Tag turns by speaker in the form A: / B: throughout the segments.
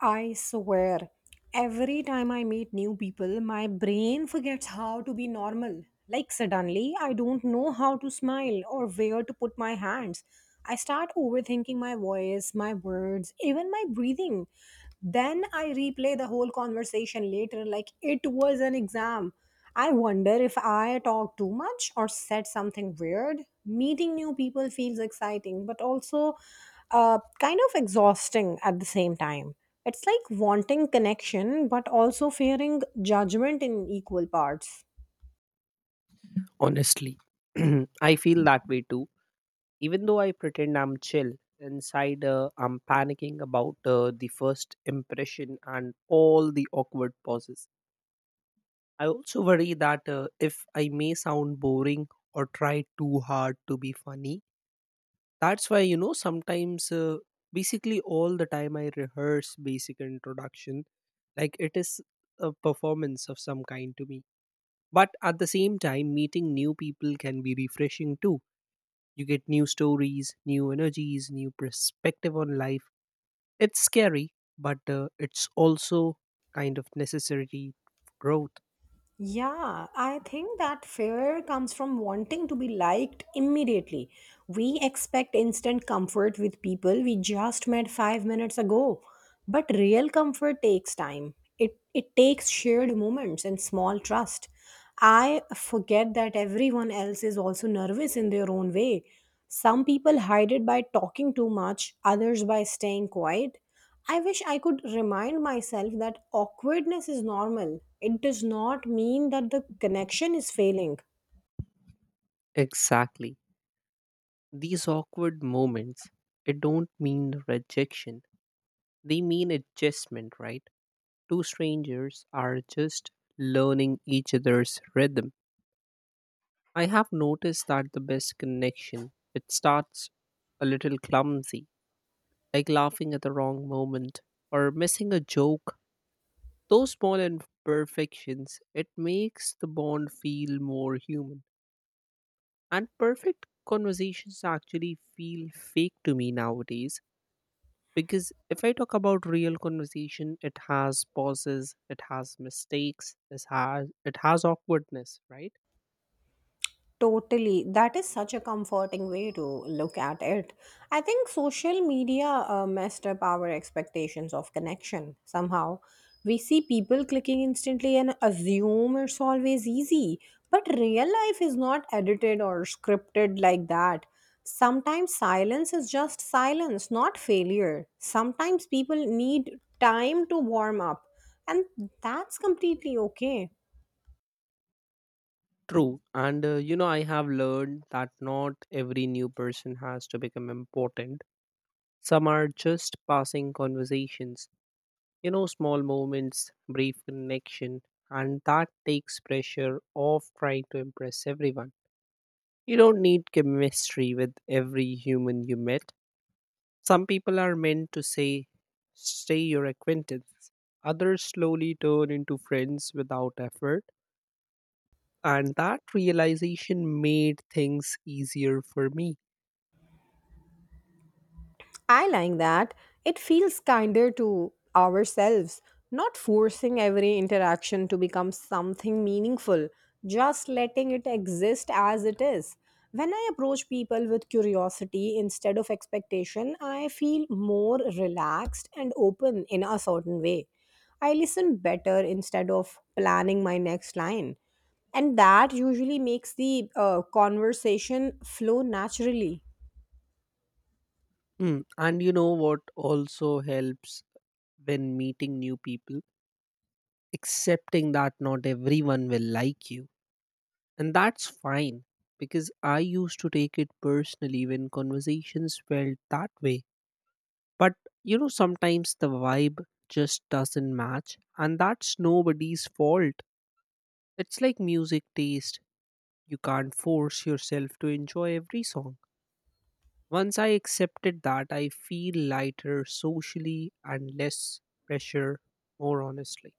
A: I swear, every time I meet new people, my brain forgets how to be normal. Like, suddenly, I don't know how to smile or where to put my hands. I start overthinking my voice, my words, even my breathing. Then I replay the whole conversation later like it was an exam. I wonder if I talked too much or said something weird. Meeting new people feels exciting, but also kind of exhausting at the same time. It's like wanting connection, but also fearing judgment in equal parts.
B: Honestly, I feel that way too. Even though I pretend I'm chill, inside I'm panicking about the first impression and all the awkward pauses. I also worry that if I may sound boring or try too hard to be funny, that's why, sometimes, basically all the time I rehearse basic introduction. Like it is a performance of some kind to me. But at the same time, meeting new people can be refreshing too. You get new stories, new energies, new perspective on life. It's scary, but it's also kind of necessary growth.
A: Yeah, I think that fear comes from wanting to be liked immediately. We expect instant comfort with people we just met 5 minutes ago. But real comfort takes time. It takes shared moments and small trust. I forget that everyone else is also nervous in their own way. Some people hide it by talking too much, others by staying quiet. I wish I could remind myself that awkwardness is normal. It does not mean that the connection is failing.
B: Exactly. These awkward moments, it don't mean rejection. They mean adjustment, right? Two strangers are just learning each other's rhythm. I have noticed that the best connection, it starts a little clumsy, like laughing at the wrong moment or missing a joke. Those small imperfections, it makes the bond feel more human. And perfect conversations actually feel fake to me nowadays, because if I talk about real conversation, it has pauses, it has mistakes, it has awkwardness, right?
A: Totally. That is such a comforting way to look at it. I think social media messed up our expectations of connection somehow. We see people clicking instantly and assume it's always easy. But real life is not edited or scripted like that. Sometimes silence is just silence, not failure. Sometimes people need time to warm up, and that's completely okay.
B: True. And you know, I have learned that not every new person has to become important. Some are just passing conversations. You know, small moments, brief connection, and that takes pressure off trying to impress everyone. You don't need chemistry with every human you met. Some people are meant to say, stay your acquaintance. Others slowly turn into friends without effort, and that realization made things easier for me.
A: I like that. It feels kinder to ourselves, not forcing every interaction to become something meaningful, just letting it exist as it is. When I approach people with curiosity instead of expectation, I feel more relaxed and open in a certain way. I listen better instead of planning my next line. And that usually makes the conversation flow naturally.
B: Mm. And you know what also helps when meeting new people? Accepting that not everyone will like you. And that's fine, because I used to take it personally when conversations felt that way. But you know, sometimes the vibe just doesn't match, and that's nobody's fault. It's like music taste. You can't force yourself to enjoy every song. Once I accepted that, I feel lighter socially and less pressure, more honestly.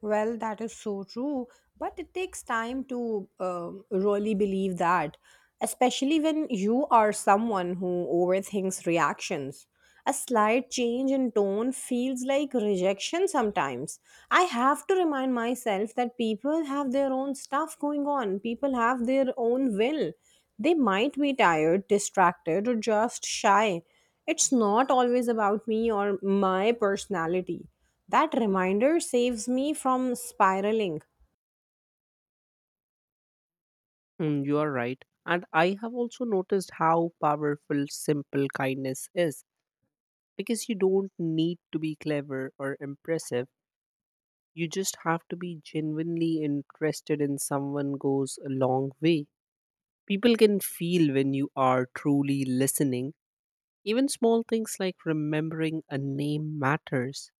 A: Well, that is so true, but it takes time to really believe that, especially when you are someone who overthinks reactions. A slight change in tone feels like rejection sometimes. I have to remind myself that people have their own stuff going on, people have their own will. They might be tired, distracted, or just shy. It's not always about me or my personality. That reminder saves me from spiraling.
B: Mm, you are right. And I have also noticed how powerful simple kindness is, because you don't need to be clever or impressive. You just have to be genuinely interested in someone goes a long way. People can feel when you are truly listening. Even small things like remembering a name matters.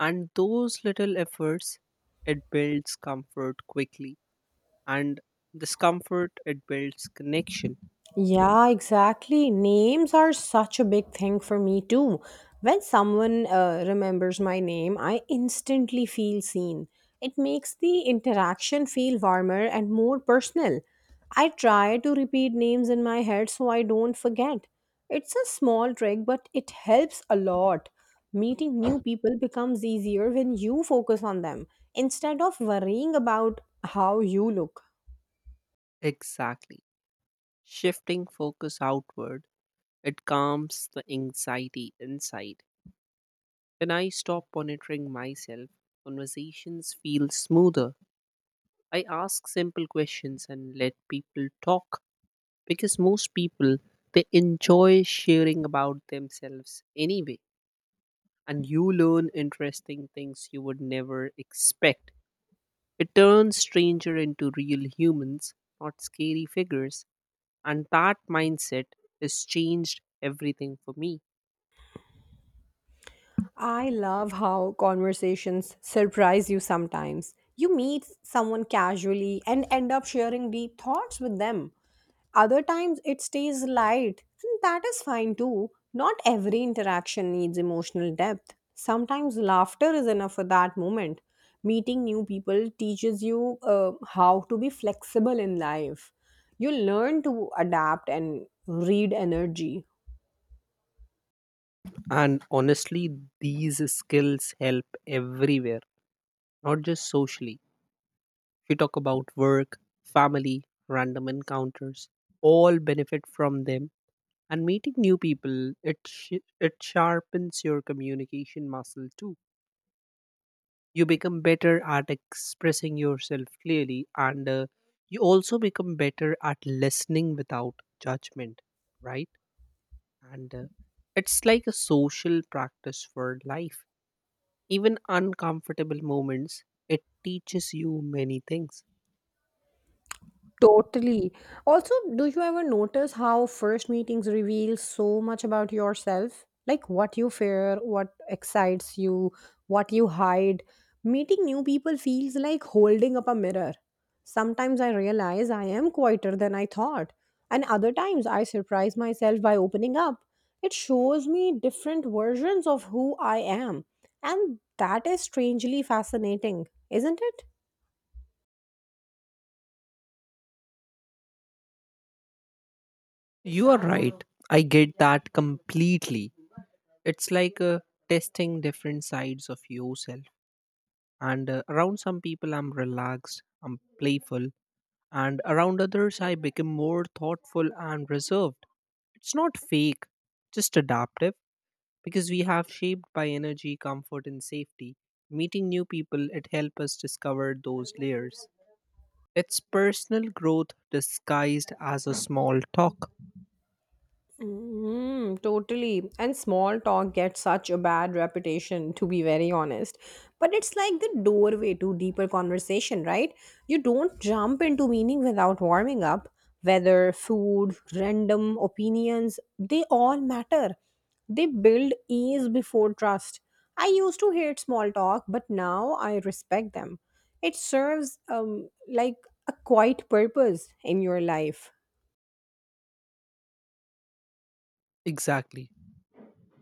B: And those little efforts, it builds comfort quickly. And discomfort, it builds connection.
A: Yeah, exactly. Names are such a big thing for me too. When someone remembers my name, I instantly feel seen. It makes the interaction feel warmer and more personal. I try to repeat names in my head so I don't forget. It's a small trick, but it helps a lot. Meeting new people becomes easier when you focus on them instead of worrying about how you look.
B: Exactly. Shifting focus outward, it calms the anxiety inside. When I stop monitoring myself, conversations feel smoother. I ask simple questions and let people talk, because most people, they enjoy sharing about themselves anyway, and you learn interesting things you would never expect. It turns stranger into real humans, not scary figures, and that mindset has changed everything for me.
A: I love how conversations surprise you sometimes. You meet someone casually and end up sharing deep thoughts with them. Other times it stays light, and that is fine too. Not every interaction needs emotional depth. Sometimes laughter is enough for that moment. Meeting new people teaches you how to be flexible in life. You learn to adapt and read energy.
B: And honestly, these skills help everywhere, not just socially. If you talk about work, family, random encounters, all benefit from them. And meeting new people, it sharpens your communication muscle too. You become better at expressing yourself clearly, and you also become better at listening without judgment, right? And it's like a social practice for life. Even uncomfortable moments, it teaches you many things.
A: Totally. Also, do you ever notice how first meetings reveal so much about yourself? Like what you fear, what excites you, what you hide. Meeting new people feels like holding up a mirror. Sometimes I realize I am quieter than I thought, and other times I surprise myself by opening up. It shows me different versions of who I am, and that is strangely fascinating, isn't it?
B: You are right. I get that completely. It's like testing different sides of yourself. And around some people, I'm relaxed, I'm playful, and around others, I become more thoughtful and reserved. It's not fake, just adaptive, because we have shaped by energy, comfort, and safety. Meeting new people, it helps us discover those layers. It's personal growth disguised as a small talk.
A: Mm, totally. And small talk gets such a bad reputation, to be very honest. But it's like the doorway to deeper conversation, right? You don't jump into meaning without warming up. Weather, food, random opinions, they all matter. They build ease before trust. I used to hate small talk, but now I respect them. It serves like a quiet purpose in your life.
B: Exactly.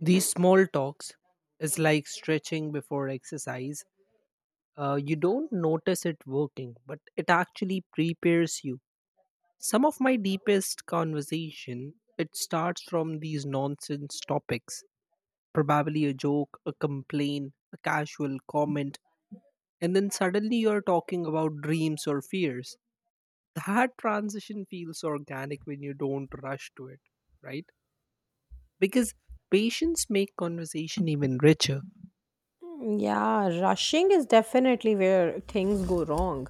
B: These small talks is like stretching before exercise. You don't notice it working, but it actually prepares you. Some of my deepest conversation, it starts from these nonsense topics. Probably a joke, a complaint, a casual comment, and then suddenly you're talking about dreams or fears. That transition feels organic when you don't rush to it, right? Because patience make conversation even richer.
A: Yeah, rushing is definitely where things go wrong.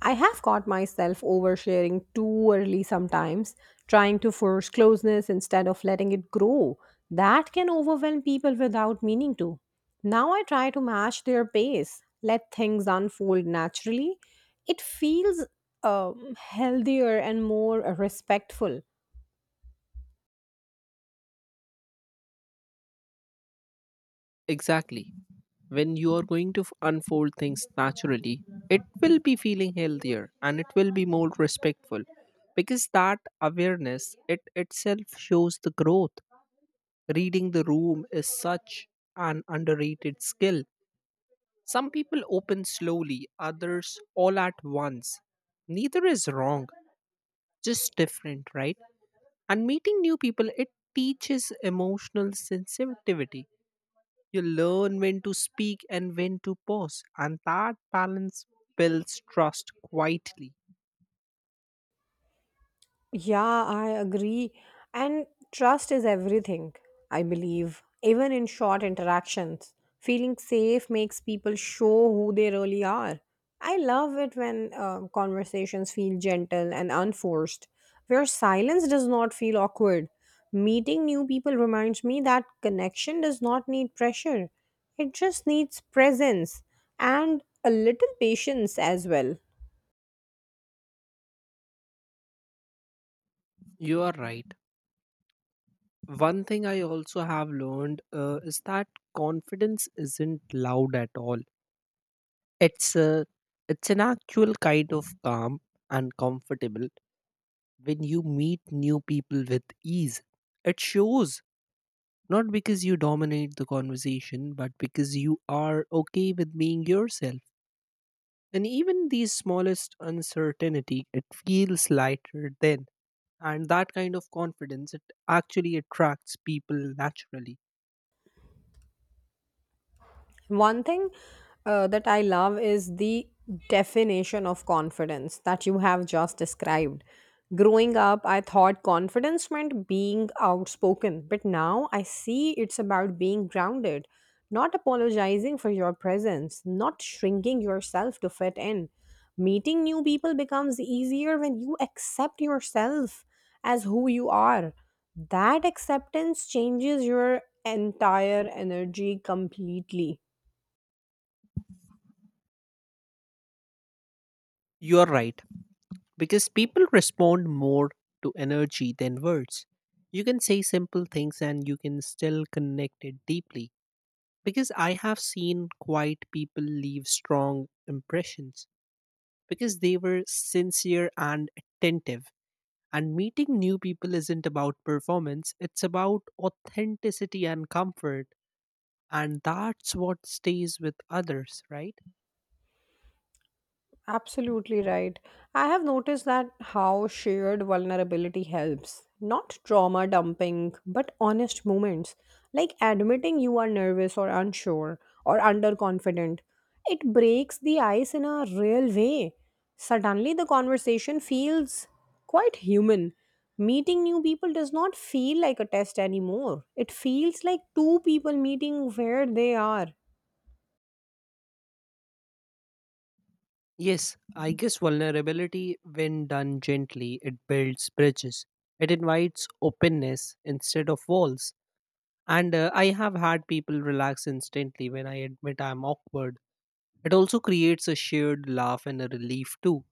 A: I have caught myself oversharing too early sometimes, trying to force closeness instead of letting it grow. That can overwhelm people without meaning to. Now I try to match their pace, let things unfold naturally. It feels healthier and more respectful.
B: Exactly. When you are going to unfold things naturally, it will be feeling healthier and it will be more respectful, because that awareness it itself shows the growth. Reading the room is such an underrated skill. Some people open slowly, others all at once. Neither is wrong, just different, right? And meeting new people, it teaches emotional sensitivity. You learn when to speak and when to pause, and that balance builds trust quietly.
A: Yeah, I agree. And trust is everything, I believe. Even in short interactions, feeling safe makes people show who they really are. I love it when conversations feel gentle and unforced, where silence does not feel awkward. Meeting new people reminds me that connection does not need pressure, it just needs presence and a little patience as well.
B: You are right. One thing I also have learned is that confidence isn't loud at all. It's a it's an actual kind of calm and comfortable when you meet new people with ease. It shows not because you dominate the conversation, but because you are okay with being yourself. And even the smallest uncertainty, it feels lighter then. And that kind of confidence, it actually attracts people naturally.
A: One thing that I love is the definition of confidence that you have just described. Growing up, I thought confidence meant being outspoken, but now I see it's about being grounded, not apologizing for your presence, not shrinking yourself to fit in. Meeting new people becomes easier when you accept yourself as who you are. That acceptance changes your entire energy completely.
B: You're right, because people respond more to energy than words. You can say simple things and you can still connect it deeply. Because I have seen quiet people leave strong impressions because they were sincere and attentive. And meeting new people isn't about performance, it's about authenticity and comfort. And that's what stays with others, right?
A: Absolutely right. I have noticed that how shared vulnerability helps. Not trauma dumping, but honest moments. Like admitting you are nervous or unsure or underconfident. It breaks the ice in a real way. Suddenly, the conversation feels quite human. Meeting new people does not feel like a test anymore. It feels like two people meeting where they are.
B: Yes, I guess vulnerability, when done gently, it builds bridges. It invites openness instead of walls. And I have had people relax instantly when I admit I'm awkward. It also creates a shared laugh and a relief too.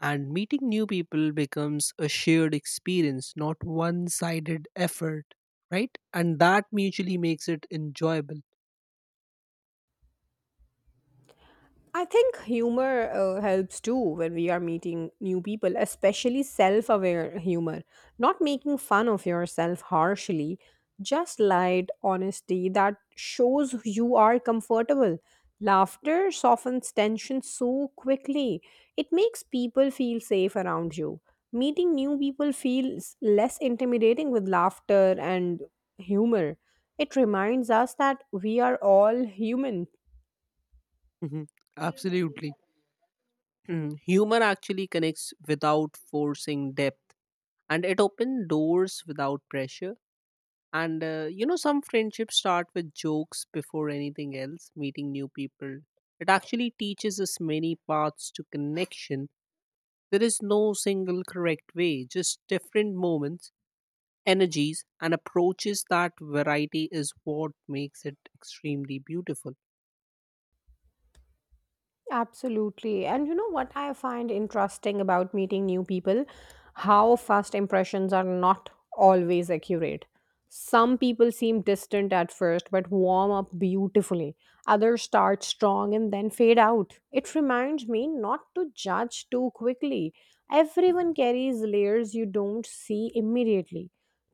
B: And meeting new people becomes a shared experience, not one sided effort, right? And that mutually makes it enjoyable.
A: I think humor helps too when we are meeting new people, especially self aware humor. Not making fun of yourself harshly, just light honesty that shows you are comfortable. Laughter softens tension so quickly, it makes people feel safe around you. Meeting new people feels less intimidating with laughter and humor. It reminds us that we are all human.
B: Mhm. Absolutely. Mhm. Humor actually connects without forcing depth and it opens doors without pressure. And you know, some friendships start with jokes before anything else, meeting new people. It actually teaches us many paths to connection. There is no single correct way, just different moments, energies, and approaches, that variety is what makes it extremely beautiful.
A: Absolutely. And you know what I find interesting about meeting new people? How first impressions are not always accurate. Some people seem distant at first but warm up beautifully. Others start strong and then fade out. It reminds me not to judge too quickly. Everyone carries layers you don't see immediately.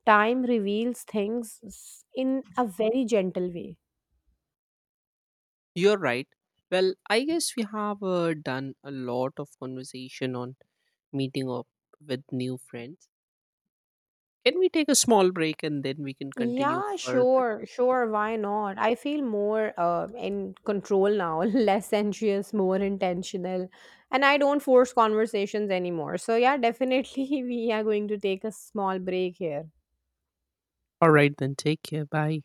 A: Time reveals things in a very gentle way.
B: You're right. Well, I guess we have done a lot of conversation on meeting up with new friends. Can we take a small break and then we can continue
A: Yeah,
B: further?
A: sure, sure. Why not? I feel more in control now, less anxious, more intentional, and I don't force conversations anymore. So, yeah, definitely, we are going to take a small break here.
B: All right, then take care. Bye.